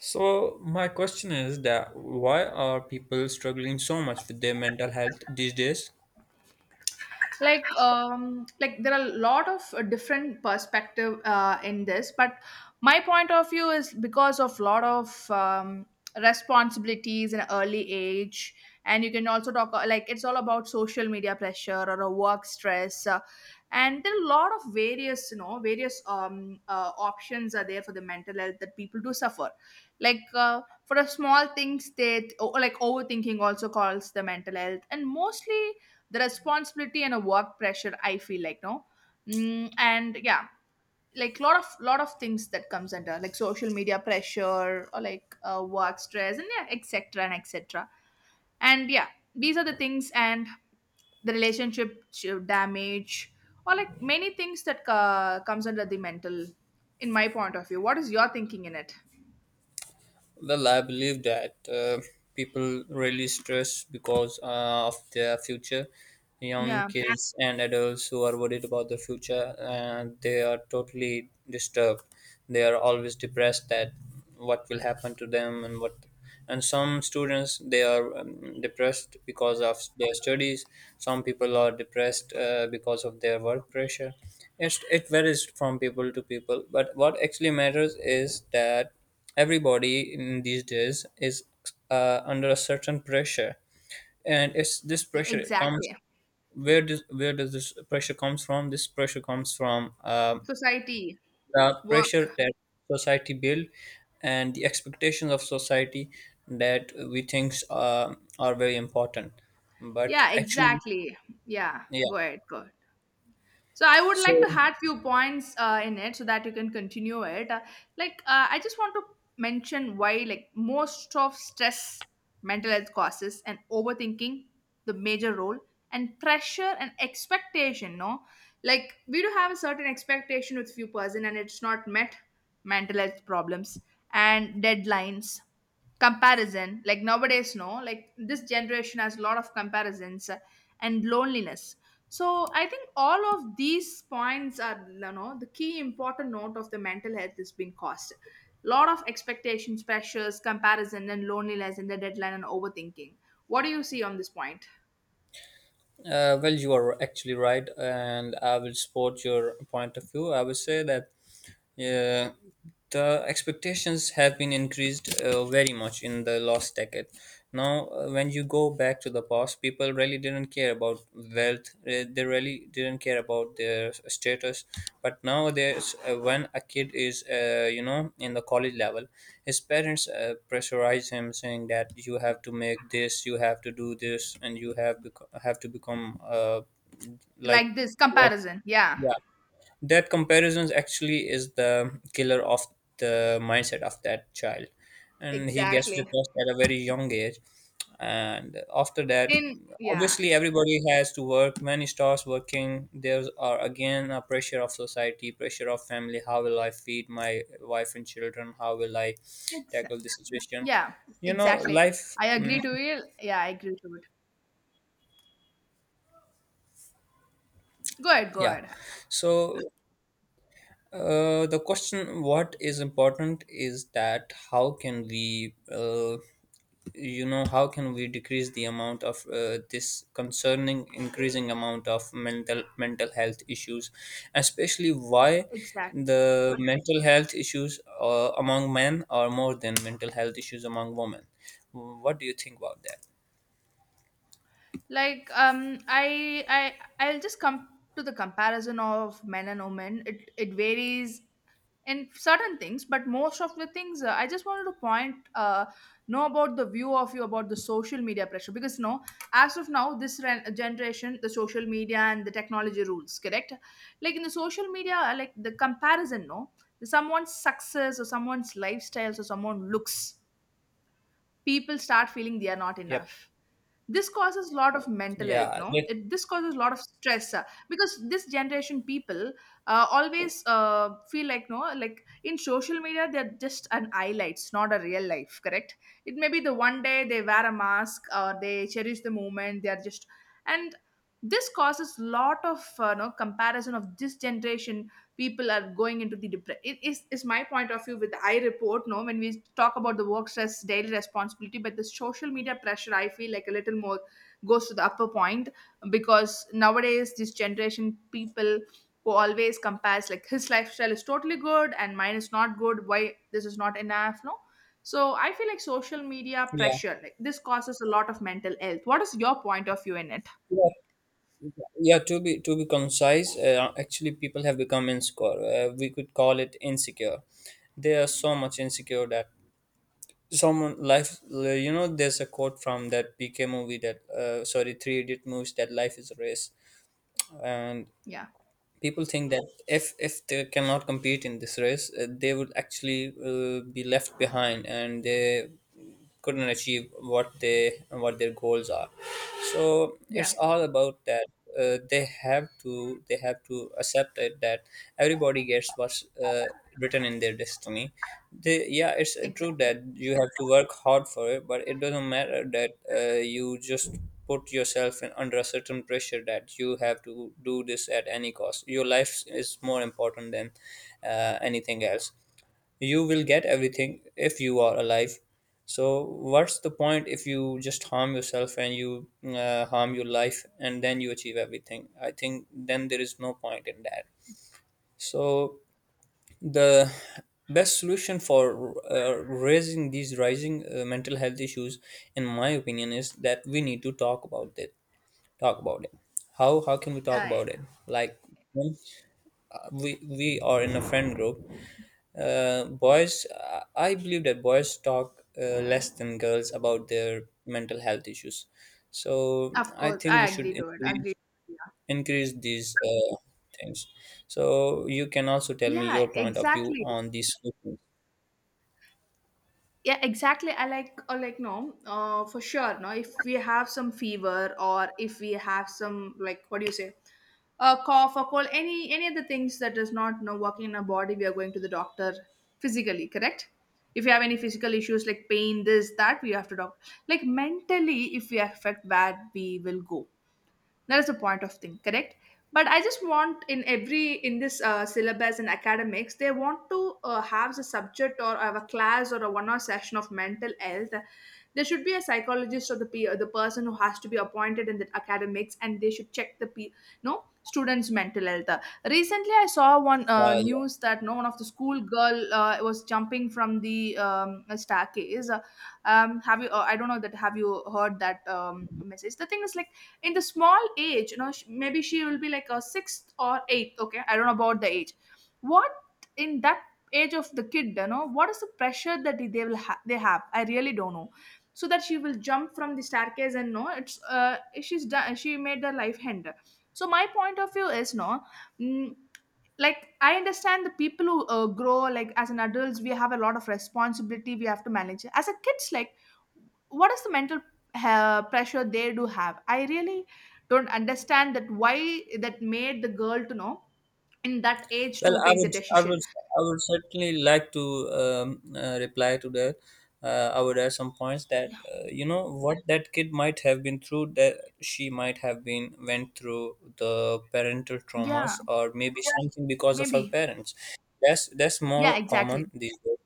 So my question is that why are people struggling so much with their mental health these days? Like like there are a lot of different perspective in this, but my point of view is because of lot of responsibilities in early age. And you can also talk, like it's all about social media pressure or a work stress and there are a lot of various various options are there for the mental health that people do suffer. Like, for a small things that like overthinking also calls the mental health, and mostly the responsibility and a work pressure, I feel like. No, and yeah, like lot of things that comes under like social media pressure or like work stress, and yeah, etc and etc, and yeah, these are the things, and the relationship damage, or like many things that comes under the mental. In my point of view, what is your thinking in it? Well, I believe that people really stress because of their future. Young Yeah. kids and adults who are worried about the future, and they are totally disturbed. They are always depressed that what will happen to them and what. And some students they are depressed because of their studies. Some people are depressed because of their work pressure. It varies from people to people. But what actually matters is that everybody in these days is under a certain pressure, and it's this Yeah, pressure comes exactly. where does this pressure comes from? This pressure comes from Society. the pressure Work. that society build and the expectations of society that we think are very important. But Yeah, actually, exactly. Yeah, yeah. go ahead, go. So I would like to So, add few points in it so that you can continue it. Like, I just want to mention, why like most of stress, mental health causes, and overthinking the major role, and pressure and expectation. No, like we do have a certain expectation with few person, and it's not met. Mental health problems and deadlines comparison, like nowadays, no, like this generation has a lot of comparisons, and loneliness. So I think all of these points are, the key important note of the mental health has been caused. Lot of expectations, pressures, comparison and loneliness, and the deadline and overthinking. What do you see on this point? Well, you are actually right, and I will support your point of view. I would say that yeah, the expectations have been increased very much in the last decade. Now, when you go back to the past, people really didn't care about wealth. They really didn't care about their status. But nowadays, when a kid is, you know, in the college level, his parents pressurize him, saying that you have to make this, you have to do this, and you have have to become like, Like this comparison. Yeah, yeah, that comparisons actually is the killer of the mindset of that child, and he gets exactly. depressed at a very young age. And after that In, yeah. obviously everybody has to work when he starts working there's are again a pressure of society, pressure of family. How will I feed my wife and children, how will I Exa- tackle this situation, yeah, you know, exactly. life. I agree to it. Yeah, I agree to it. Go ahead, go Yeah, ahead. so the question what is important is that how can we, you know, how can we decrease the amount of this concerning increasing amount of mental health issues, especially why Exactly. the mental health issues among men are more than mental health issues among women? What do you think about that? Like, I'll just come to the comparison of men and women. It varies in certain things, but most of the things, I just wanted to point, know about the view of you about the social media pressure, because no, as of now this generation, the social media and the technology rules, correct? Like in the social media, like the comparison, no, someone's success or someone's lifestyles or someone looks, people start feeling they are not Yep. enough. This causes a lot of mental health. Yeah, No, it this causes a lot of stress, because this generation people always feel like, no, like in social media they're just an highlights, not a real life, correct? It may be the one day they wear a mask or they cherish the moment they are just, and this causes lot of no comparison of this generation, people are going into the depression. It is my point of view with the I report. No, when we talk about the work stress, daily responsibility, but the social media pressure, I feel like a little more goes to the upper point, because nowadays this generation people who always compares, like his lifestyle is totally good and mine is not good, why this is not enough, no, so I feel like social media yeah, pressure like this causes a lot of mental health. What is your point of view in it? yeah. To be concise, actually people have become insecure, we could call it insecure. They are so much insecure that someone life, you know, there's a quote from that PK movie that sorry, Three Idiot movies, that life is a race. And Yeah. people think that if they cannot compete in this race, they would actually be left behind and they couldn't achieve what they, what their goals are. So Yeah, it's all about that. Uh, they have to, they have to accept it that everybody gets what's written in their destiny. Yeah, it's true exactly. that you have to work hard for it, but it doesn't matter that you just put yourself in, under a certain pressure that you have to do this at any cost. Your life is more important than anything else. You will get everything if you are alive. So, what's the point if you just harm yourself and you harm your life and then you achieve everything? I think then there is no point in that. So, the best solution for raising these rising mental health issues in my opinion is that we need to talk about it. Talk about it. How can we talk Uh, about it? Like, when we are in a friend group, boys, I believe that boys talk less than girls about their mental health issues. So Of I course, think we I should agree to it. Agree. increase, Yeah. increase these things. So you can also tell me Yeah, your point of view exactly. on these. Yeah, exactly. I like, or like, no, for sure. No, if we have some fever or if we have some, like, what do you say, a cough or cold, any of the things that is not, you know, working in our body, we are going to the doctor physically, correct? If you have any physical issues like pain, this, that, we have to doctor. Like mentally, if we affect, where we will go. That is the point of thing, correct? But I just want, in every, in this syllabus and academics, they want to have a subject or have a class or a 1 hour session of mental health. There should be a psychologist or the peer, the person who has to be appointed in the academics, and they should check the no, students mental health. Recently I saw one Yeah. news that, no, one of the school girl was jumping from the staircase. Have you, I don't know that, have you heard that, message? The thing is, like, in the small age, maybe she will be like a sixth or eighth, okay, I don't know about the age. What, in that age of the kid, what is the pressure that they will they have, I really don't know. So that she will jump from the staircase, and no, it's, she's done, she made the life end. So my point of view is, no, mm, like I understand, the people who grow, like as an adults we have a lot of responsibility, we have to manage. As a kids, like, what is the mental pressure they do have? I really don't understand that, why that made the girl to know in that age Well, to I take the would, I decision. would, I would certainly like to reply to that. I would add some points that, you know, what that kid might have been through, that she might have been went through the parental Yeah, traumas, or maybe something because of her maybe. parents. That's Yeah, more exactly. common these days.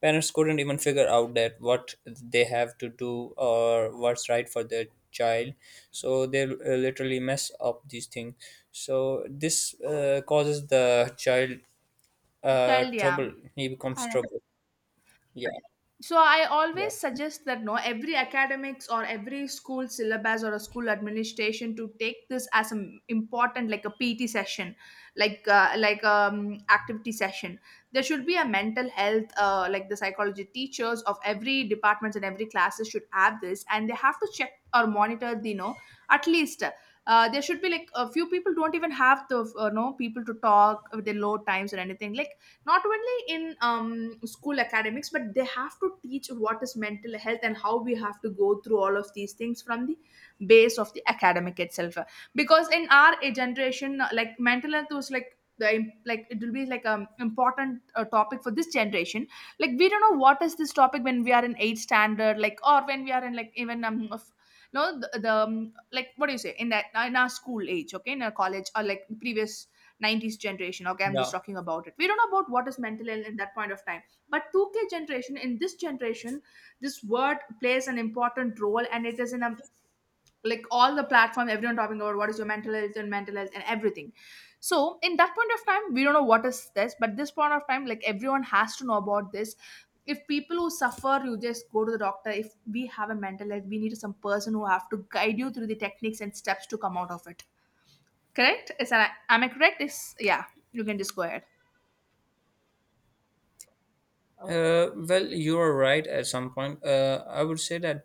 Parents couldn't even figure out that what they have to do or what's right for their child, so they literally mess up these things. So this causes the child Child. Yeah. trouble. He becomes I, trouble. Yeah, so I yeah, always suggest that, no, every academics or every school syllabus or a school administration to take this as an important like a pt session, like, activity session. There should be a mental health, like the psychology teachers of every departments and every classes should have this, and they have to check or monitor the, you know, at least, there should be like, a few people don't even have the no, people to talk with their low times or anything, like, not only in school academics, but they have to teach what is mental health and how we have to go through all of these things from the base of the academic itself. Because in our generation, like, mental health was like the like, it will be like an important topic for this generation. Like we don't know what is this topic when we are in 8th standard, like, or when we are in, like, even of, no, the like, what do you say, in that, in our school age, okay, in our college or like previous 90s generation, okay, I'm just yeah. talking about it, we don't know about what is mental ill in that point of time, but 2K generation, in this generation, this word plays an important role, and it is in a, like, all the platform, everyone talking about what is your mental health, and mental health and everything. So in that point of time we don't know what is this, but this point of time, like, everyone has to know about this. If people who suffer, you just go to the doctor. If we have a mental health, we need some person who have to guide you through the techniques and steps to come out of it. Correct? Is that, am I correct? Is, yeah, you can just go ahead. Well, you are right at some point. I would say that,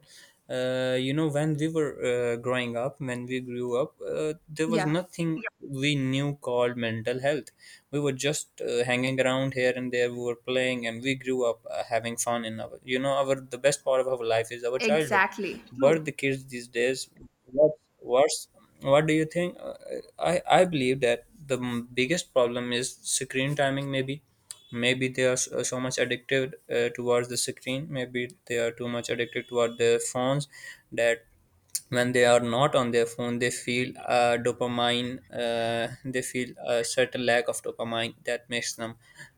you know, when we were growing up, when we grew up, there was Yeah, nothing we knew called mental health. We were just hanging around here and there. We were playing, and we grew up having fun in our, you know, our the best part of our life is our childhood. exactly. But True. the kids these days, what's, what do you think? I believe that the biggest problem is screen timing maybe. Maybe they are so much addicted towards the screen. Maybe they are too much addicted toward their phones, that when they are not on their phone they feel dopamine. uh, they feel a certain lack of dopamine that makes them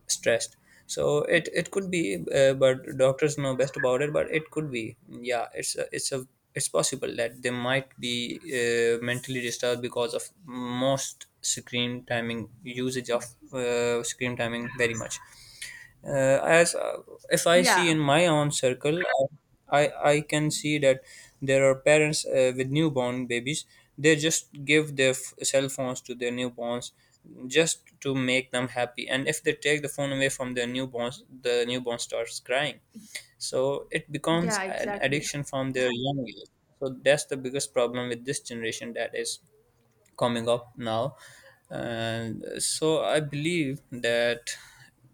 stressed. So it could be, but doctors know best about it, but it could be, yeah, it's a, it's possible that they might be mentally disturbed because of most screen timing usage of screen timing very much. Uh, as uh, if I see in Yeah, my own circle, I can see that there are parents with newborn babies, they just give their cell phones to their newborns just to make them happy, and if they take the phone away from their newborns the newborn starts crying. So it becomes yeah, an exactly. addiction from their young age. So that's the biggest problem with this generation that is coming up now. And so I believe that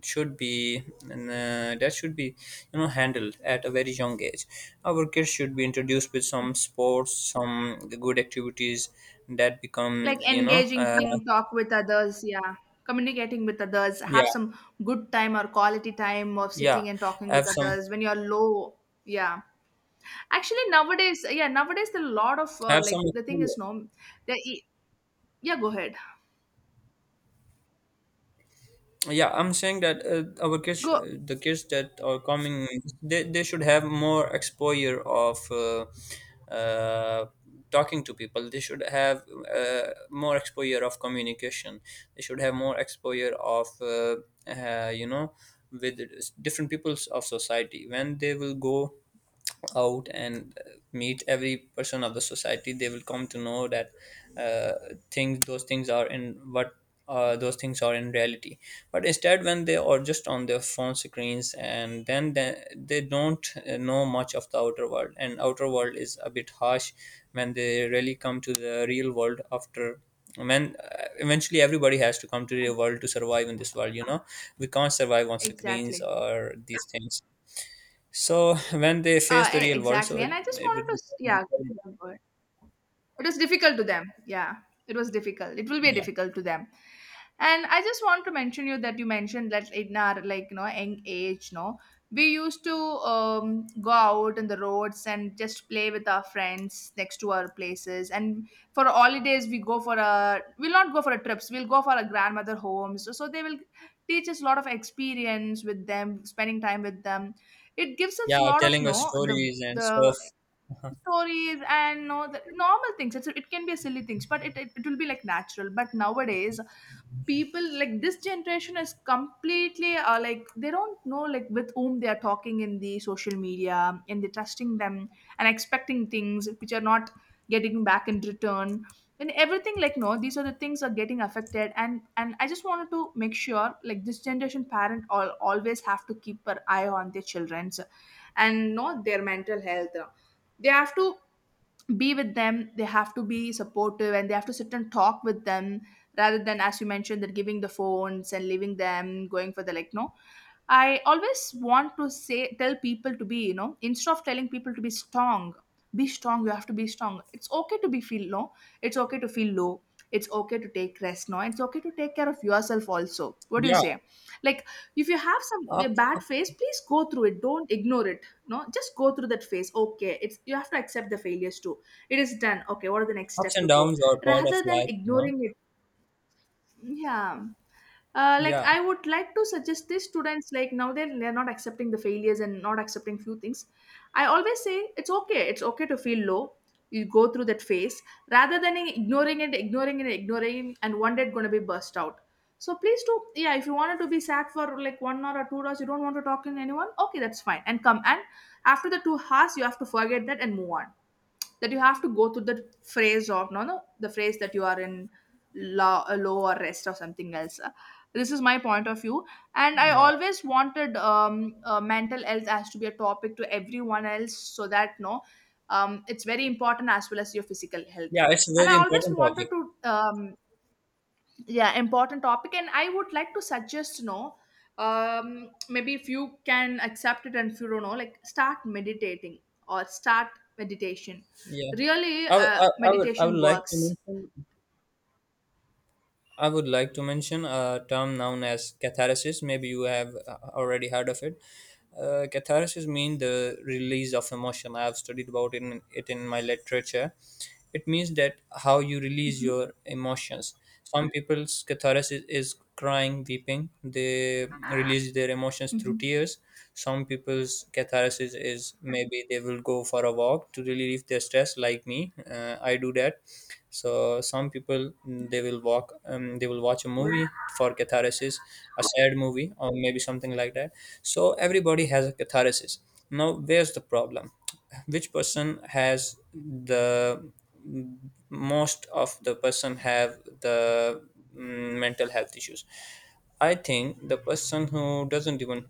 should be, that should be, you know, handled at a very young age. Our kids should be introduced with some sports, some good activities that become, Like you know, engaging thing, talk with others. Yeah, communicating with others. Have yeah, some good time or quality time of yeah, sitting and talking with have some, others when you're low. Yeah, actually nowadays, yeah, nowadays the lot of have some, like, the thing is, no, the e, yeah, go ahead. yeah, I'm saying that, our kids, Go, the kids that are coming, they should have more exposure of uh, talking to people. They should have more exposure of communication. They should have more exposure of you know, with different peoples of society. When they will go out and meet every person of the society, they will come to know that uh, things, those things are in what, those things are in reality. But instead, when they are just on their phone screens and then they don't know much of the outer world, and outer world is a bit harsh. When they really come to the real world after, when eventually everybody has to come to the real world to survive in this world, you know, we can't survive on screens exactly. or these things. So when they face the real world, so Exactly. And it I just it wanted would to become, yeah, go ahead. It was difficult to them, yeah. It was difficult, it will be yeah, difficult to them. And I just want to mention you that you mentioned that in our, like, you know, young age, no, we used to go out in the roads and just play with our friends next to our places. And for holidays we go for a, we'll not go for a trips, we'll go for a grandmother homes, so they will teach us a lot of experience with them, spending time with them. It gives us yeah, a lot of, telling us no, the stories and the stuff. stories and know the normal things. It can be a silly things, but it will be like natural. But nowadays people, like this generation is completely, like, they don't know like with whom they are talking in the social media, and they're trusting them and expecting things which are not getting back in return. And everything, like, no, these are the things are getting affected. And I just wanted to make sure like this generation parent all always have to keep an eye on their children's and not their mental health. They have to be with them, they have to be supportive, and they have to sit and talk with them, rather than, as you mentioned, that giving the phones and leaving them going for the, like, no, I always want to say, tell people to be, you know, instead of telling people to be strong, be strong, you have to be strong. It's okay to be feel low, it's okay to feel low, it's okay to take rest, no, it's okay to take care of yourself also. What do you Yeah, say, like, if you have some a up, bad up, phase, please go through it, don't ignore it. No, just go through that phase, okay, it's, you have to accept the failures too. It is done, okay, what are the next ups step to and go downs are part of rather than life, you know. ignoring it. Yeah. Like, Yeah, I would like to suggest the students like now they're not accepting the failures and not accepting few things. I always say, it's okay, it's okay to feel low, you go through that phase rather than ignoring it, ignoring it, ignoring it, and one day it's going to be burst out. So please do, yeah, if you wanted to be sad for like 1 hour or 2 hours, you don't want to talk to anyone, okay, that's fine. And come and after the 2 hours you have to forget that and move on. That you have to go through the phrase of, no, no, the phrase that you are in, law, a low or rest or something else. This is my point of view. And I yeah, always wanted mental health as to be a topic to everyone else, so that, no, it's very important as well as your physical health. yeah. It's a And I very always important wanted topic. to um, yeah, important topic. And I would like to suggest, you know, um, maybe if you can accept it, and if you don't know, like, start meditating, or start meditation. Yeah, Really, I would, I would meditation like to works. mention, I would like to mention a term known as catharsis. Maybe you have already heard of it. Catharsis means the release of emotion. I have studied about it it in my literature. It means that how you release Hmm. your emotions. Some people's catharsis is crying, weeping. They release their emotions through Hmm. tears. Some people's catharsis is maybe they will go for a walk to really release their stress, like me, I do that. So some people, they will walk, they will watch a Good. movie for catharsis, a sad movie or maybe something like that. So everybody has a catharsis. Now where's the problem? Which person has the— mm, most of the person have the mental health issues. I think the person who doesn't even—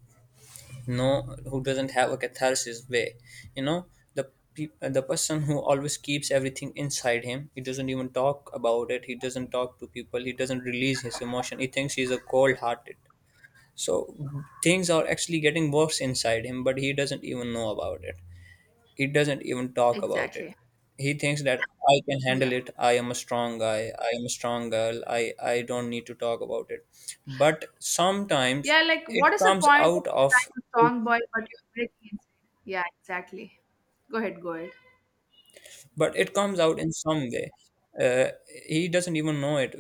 no, who doesn't have a catharsis way you know the person who always keeps everything inside him, he doesn't even talk about it, he doesn't talk to people, he doesn't release his emotion, he thinks he's a cold hearted. So things are actually getting worse inside him, but he doesn't even know about it, he doesn't even talk about it. Exactly. He thinks that I can handle Yeah. it, I am a strong guy, I am a strong girl, I don't need to talk about it. But sometimes Yeah, like, it what is the comes point of out of— I'm a strong boy but you're breaking inside? Yeah, exactly. Go ahead, go ahead. but it comes out in some way. uh, he doesn't even know it.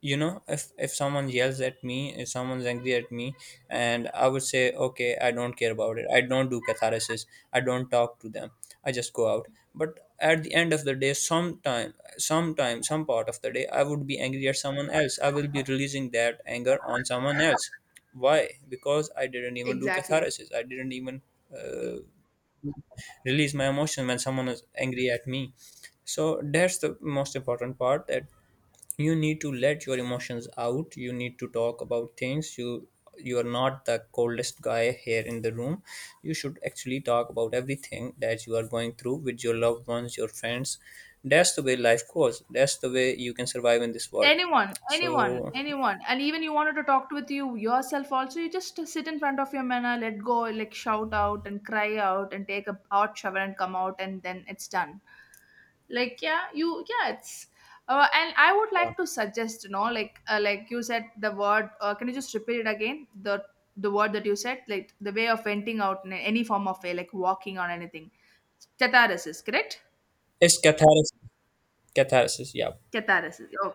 You know, if someone yells at me, if someone's angry at me, and I would say, okay, I don't care about it, I don't do catharsis, I don't talk to them, I just go out. But at the end of the day, sometime some part of the day, I would be angry at someone else, I will be releasing that anger on someone else. Why? Because I didn't even do Exactly. catharsis, I didn't even uh, release my emotion when someone is angry at me. So that's the most important part, that you need to let your emotions out, you need to talk about things, you are not the coldest guy here in the room, you should actually talk about everything that you are going through with your loved ones, your friends. That's the way life goes, that's the way you can survive in this world. Anyone, anyone, So anyone, and even you wanted to talk with you yourself also, you just sit in front of your mirror, let go, like shout out and cry out and take a hot shower and come out and then it's done. Like, yeah, you, yeah, it's, and I would yeah, like to suggest, you know, like, like you said the word, can you just repeat it again, the word that you said, like the way of venting out in any form of way, like walking or anything. Catharsis, correct. it's catharsis. Catharsis, yeah. Catharsis. Oh,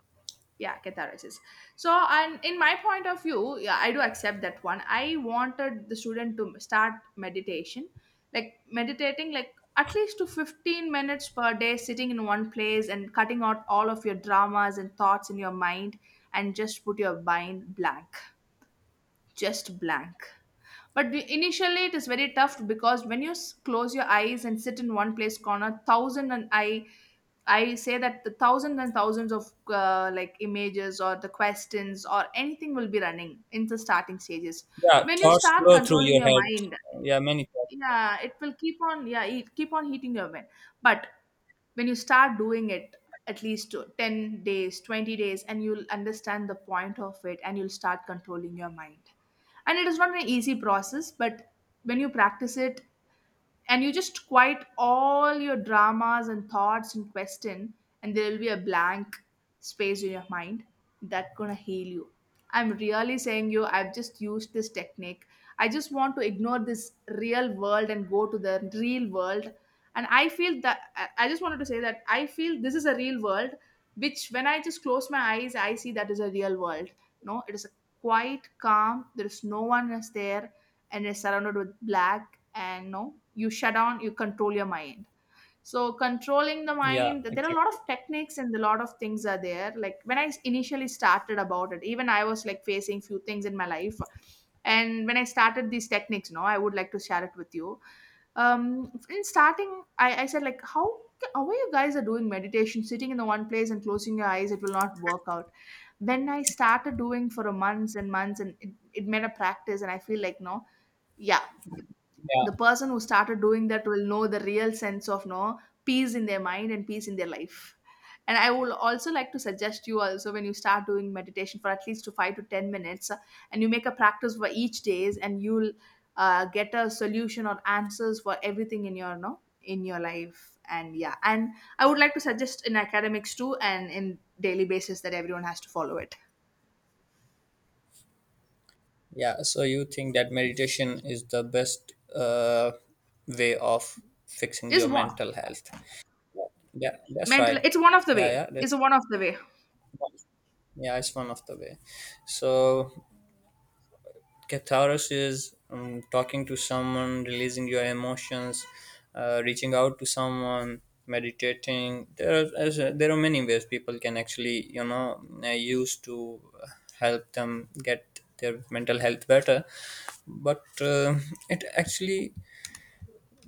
yeah, catharsis. So, and in my point of view, yeah, I do accept that one. I wanted the student to start meditation, like meditating like at least to 15 minutes per day, sitting in one place and cutting out all of your dramas and thoughts in your mind, and just put your mind blank. Just blank. But initially it is very tough, because when you close your eyes and sit in one place corner, thousand, and I say that the thousands and thousands of, like, images or the questions or anything will be running in the starting stages. Yeah, When you thoughts start flow through controlling your your head. mind, Yeah, many thoughts. yeah, it will keep on, yeah, it keep on hitting your mind. But when you start doing it at least to 10 days, 20 days, and you'll understand the point of it and you'll start controlling your mind. And it is not an easy process, but when you practice it, and you just quiet all your dramas and thoughts and question, and there will be a blank space in your mind that gonna heal you. I'm really saying you, I've just used this technique. I just want to ignore this real world and go to the real world. And I feel that I just wanted to say that I feel this is a real world, which when I just close my eyes, I see that is a real world. No, it is a quiet, calm, there is no one is there, and is surrounded with black. And, no, you shut down, you control your mind. So controlling the Yeah, mind, there are a lot exactly. of techniques and a lot of things are there. Like, when I initially started about it, even I was like facing few things in my life. And when I started these techniques, no, I would like to share it with you. Um, in starting, I said, like, how are you guys are doing meditation, sitting in the one place and closing your eyes, it will not work out. When I started doing for a months and months, and it made a practice, and I feel like, no, yeah, the Yeah. person who started doing that will know the real sense of, no, peace in their mind and peace in their life. And I will also like to suggest you also, when you start doing meditation for at least to 5 to 10 minutes, and you make a practice for each days, and you'll get a solution or answers for everything in your, no, in your life. And yeah, and I would like to suggest in academics too, and in daily basis, that everyone has to follow it. Yeah, so you think that meditation is the best way of fixing Is your one. mental health? Yeah, that's Mental, right. it's one of the Yeah, way. yeah, It's that's— one of the way. yeah, it's one of the way. So catharsis is talking to someone, releasing your emotions, reaching out to someone, meditating. There are there are many ways people can actually, use to help them get their mental health better. But it actually,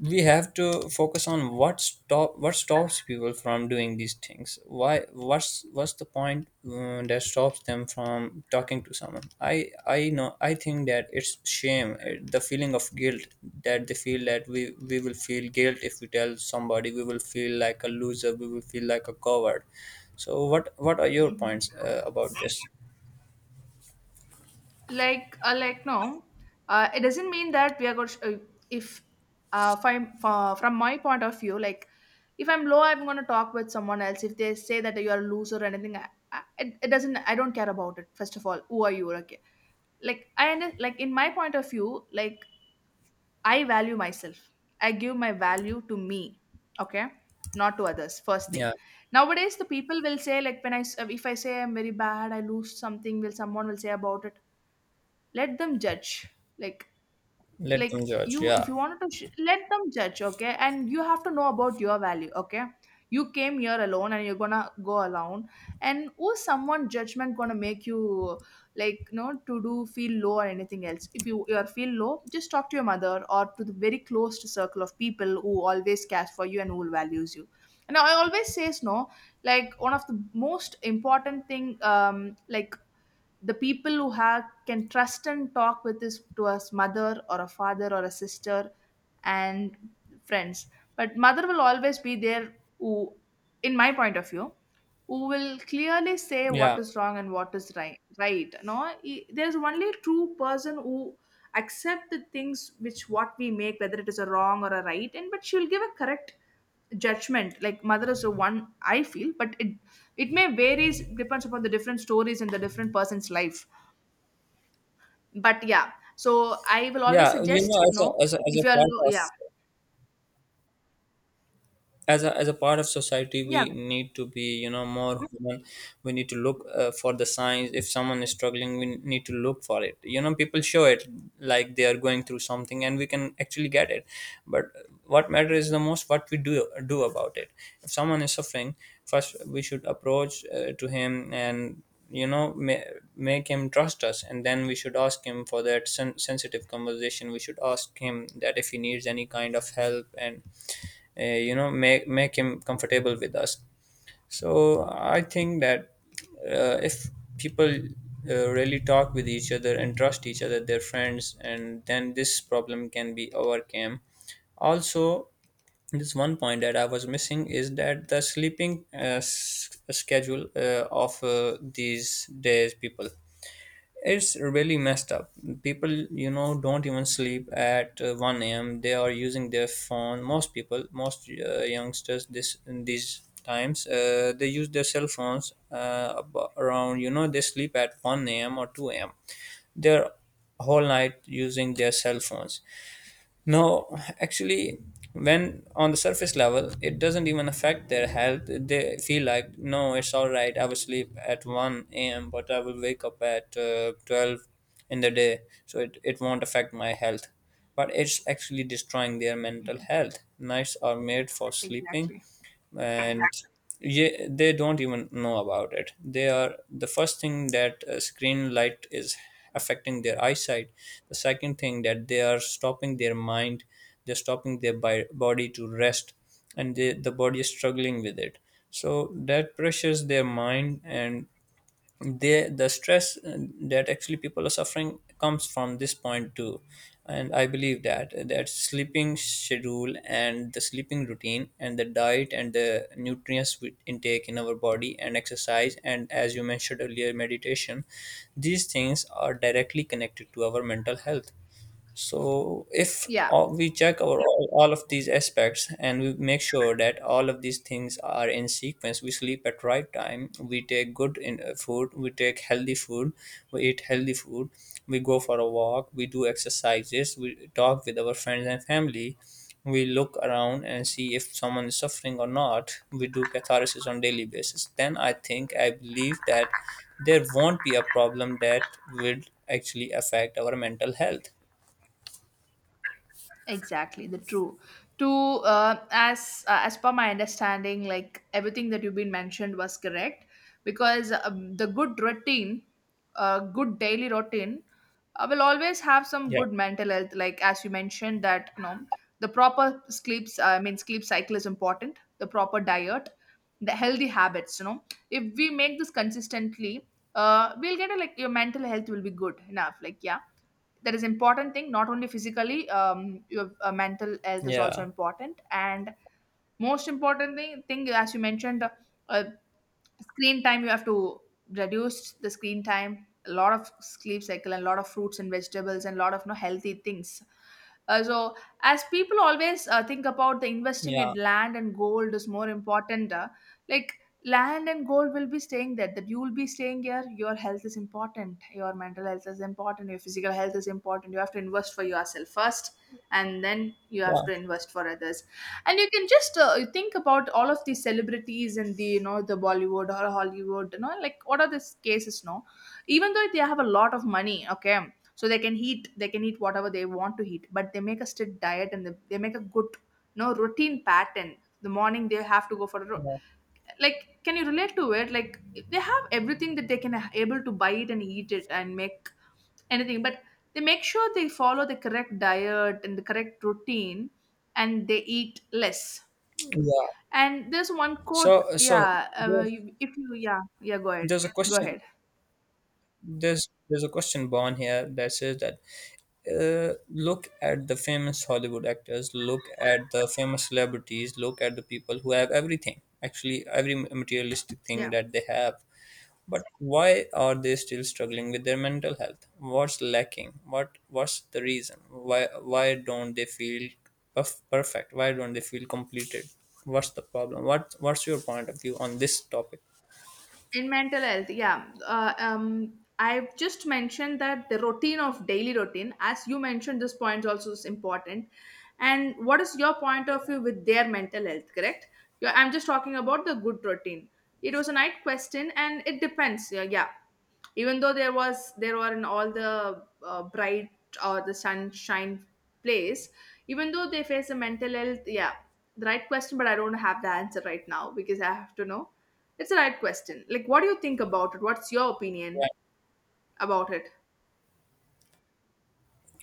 we have to focus on what stops people from doing these things. Why? What's the point that stops them from talking to someone? I know, I think that it's shame, the feeling of guilt, that they feel that we will feel guilt if we tell somebody, we will feel like a loser, we will feel like a coward. So what are your Hmm. points about this? Like, like, no, it doesn't mean that we are going to, if, uh, from my point of view, like, if I'm low, I'm going to talk with someone else, if they say that you are a loser or anything, I, it doesn't, I don't care about it. First of all, who are you, okay? Like, like, in my point of view, like, I value myself, I give my value to me, okay, not to others, first thing. Yeah, Nowadays the people will say, like, when if I say I'm very bad, I lose something, will someone will say about it? Let them judge. like let like them judge. you, if Yeah, you wanted to let them judge, okay, and you have to know about your value, okay? You came here alone and you're gonna go alone, and who's someone judgment gonna make you, like, you know, to do feel low or anything else. If you, you are feel low, just talk to your mother or to the very close circle of people who always cares for you and who values you. And I always says, no, like, one of the most important thing, um, like, the people who have can trust and talk with this to a mother or a father or a sister and friends. But mother will always be there, who, in my point of view, who will clearly say what yeah, is wrong and what is right, right? No, there's only true person who accept the things which what we make, whether it is a wrong or a right, and but she'll give a correct judgment. Like, mother is the one, I feel. But it may varies depends upon the different stories and the different person's life. But yeah. So I will always yeah, you suggest, know, as no, a— as if a you are part of— yeah. As a part of society, Yeah. we need to be, more human. We need to look for the signs. If someone is struggling, we need to look for it. You know, people show it, like they are going through something and we can actually get it. But what matters is the most what we do about it. If someone is suffering, first we should approach to him and, you know ma- make him trust us, and then we should ask him for that sensitive conversation. We should ask him that if he needs any kind of help, and make him comfortable with us. So I think that, if people really talk with each other and trust each other, their friends, and then this problem can be overcome. Also, this one point that I was missing is that the sleeping schedule of these days people, it's really messed up. People, don't even sleep at 1 a.m. They are using their phone. Most people, most youngsters, this in these times, they use their cell phones around. You know, they sleep at 1 a.m. or 2 a.m. They're whole night using their cell phones. No, actually, when on the surface level, it doesn't even affect their health. They feel like, no, it's all right. I will sleep at 1 a.m., but I will wake up at 12 in the day. So it won't affect my health. But it's actually destroying their mental health. Nights are made for sleeping, Exactly. and they don't even know about it. They are— the first thing, that screen light is affecting their eyesight. The second thing, that they are stopping their mind, they're stopping their body to rest, and they— the body is struggling with it. So that pressures their mind, and they— the stress that actually people are suffering comes from this point too. And I believe that that sleeping schedule and the sleeping routine and the diet and the nutrients we intake in our body and exercise and, as you mentioned earlier, meditation, these things are directly connected to our mental health. So if Yeah. We check our all of these aspects and we make sure that all of these things are in sequence, we sleep at right time, we take food, we take healthy food, we eat healthy food, we go for a walk, we do exercises, we talk with our friends and family, we look around and see if someone is suffering or not, we do catharsis on daily basis. Then I think— I believe that there won't be a problem that will actually affect our mental health. Exactly, the true. To, as per my understanding, like, everything that you've been mentioned was correct, because the good routine, good daily routine, will always have some Yeah. good mental health. Like, as you mentioned that, you know, the proper sleeps, I mean, sleep cycle is important. The proper diet, the healthy habits. You know, if we make this consistently, we'll get a, like, your mental health will be good enough. Like, yeah, that is important thing. Not only physically, your mental health is also Yeah, important. And most important thing as you mentioned, uh, screen time, you have to reduce the screen time, a lot of sleep cycle, and a lot of fruits and vegetables, and a lot of, no, healthy things. So, as people always think about the investing in yeah, land and gold is more important, like land and gold will be staying there. That you will be staying here. Your health is important. Your mental health is important. Your physical health is important. You have to invest for yourself first, and then you have yeah, to invest for others. And you can just think about all of these celebrities and the, you know, the bollywood or hollywood, you know, like, what are these cases, no, even though they have a lot of money, okay? So they can eat, they can eat whatever they want to eat, but they make a strict diet, and they make a good, you know, routine pattern. The morning they have to go for a yeah. like, can you relate to it? Like, they have everything that they can able to buy it and eat it and make anything, but they make sure they follow the correct diet and the correct routine, and they eat less. Yeah. And there's one quote, So, so yeah, there's— you-, if you, yeah, yeah, go ahead, there's a go question. ahead. There's— there's a question born here that says that, look at the famous Hollywood actors, look at the famous celebrities, look at the people who have everything. Actually, every materialistic thing Yeah. that they have. But why are they still struggling with their mental health? What's lacking? What's the reason? Why don't they feel perfect? Why don't they feel completed? What's the problem? What's your point of view on this topic? In mental health, yeah, I've just mentioned that the routine of daily routine, as you mentioned, this point also is important. And what is your point of view with their mental health, correct? Yeah, I'm just talking about the good routine. It was a night question, and it depends. Yeah, yeah, even though there was, there were in all the, bright or the sunshine place, even though they face a mental health, yeah, the right question, but I don't have the answer right now because I have to know. It's a right question. Like, what do you think about it? What's your opinion about it?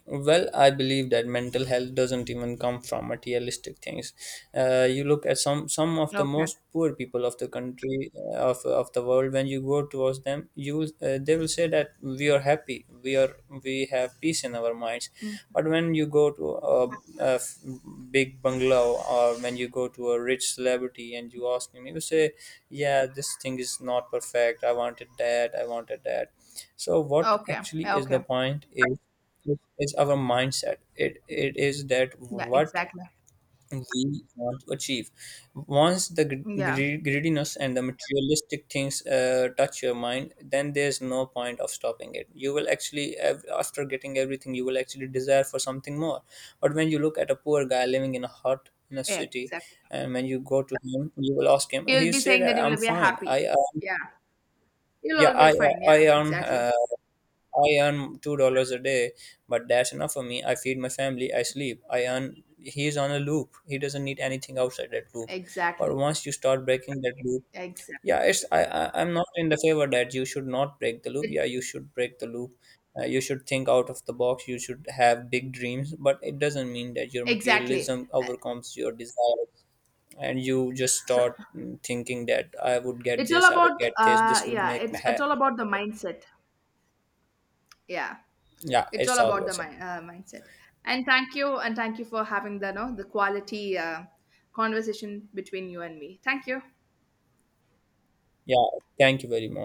Well, I believe that mental health doesn't even come from materialistic things. You look at some of the Okay. most poor people of the country, of the world. When you go towards them, you will— they will say that we are happy, we are— we have peace in our minds. Mm. But when you go to a— a f- big bungalow, or when you go to a rich celebrity and you ask him, he will say, "Yeah, this thing is not perfect. I wanted that. I wanted that." So what Okay. actually Yeah, is okay. the point is, it is our mindset. It is that Yeah, what exactly. we want to achieve. Once the Yeah. Greediness and the materialistic things touch your mind, then there's no point of stopping it. You will actually, after getting everything, you will actually desire for something more. But when you look at a poor guy living in a hut in a Yeah, city, exactly. and when you go to him, you will ask him, You'll he'll be say saying that you that I'm will be fine. happy. I Yeah. You'll Yeah, always find. I Yeah, earn. exactly. I earn $2 a day, but that's enough for me. I feed my family, I sleep, I earn. He's on a loop. He doesn't need anything outside that loop. But Exactly. once you start breaking that loop, Exactly. yeah, it's— I'm not in the favor that you should not break the loop. It, Yeah, you should break the loop. You should think out of the box. You should have big dreams, but it doesn't mean that your exactly. materialism overcomes your desire and you just So, start thinking that I would get it's all this, I would about, get this, uh, this will yeah, make me it's all happy. about the mindset. Yeah. Yeah, It's all it's all about the awesome. Mindset. And thank you for having the, no, the quality conversation between you and me. Thank you. Yeah, thank you very much.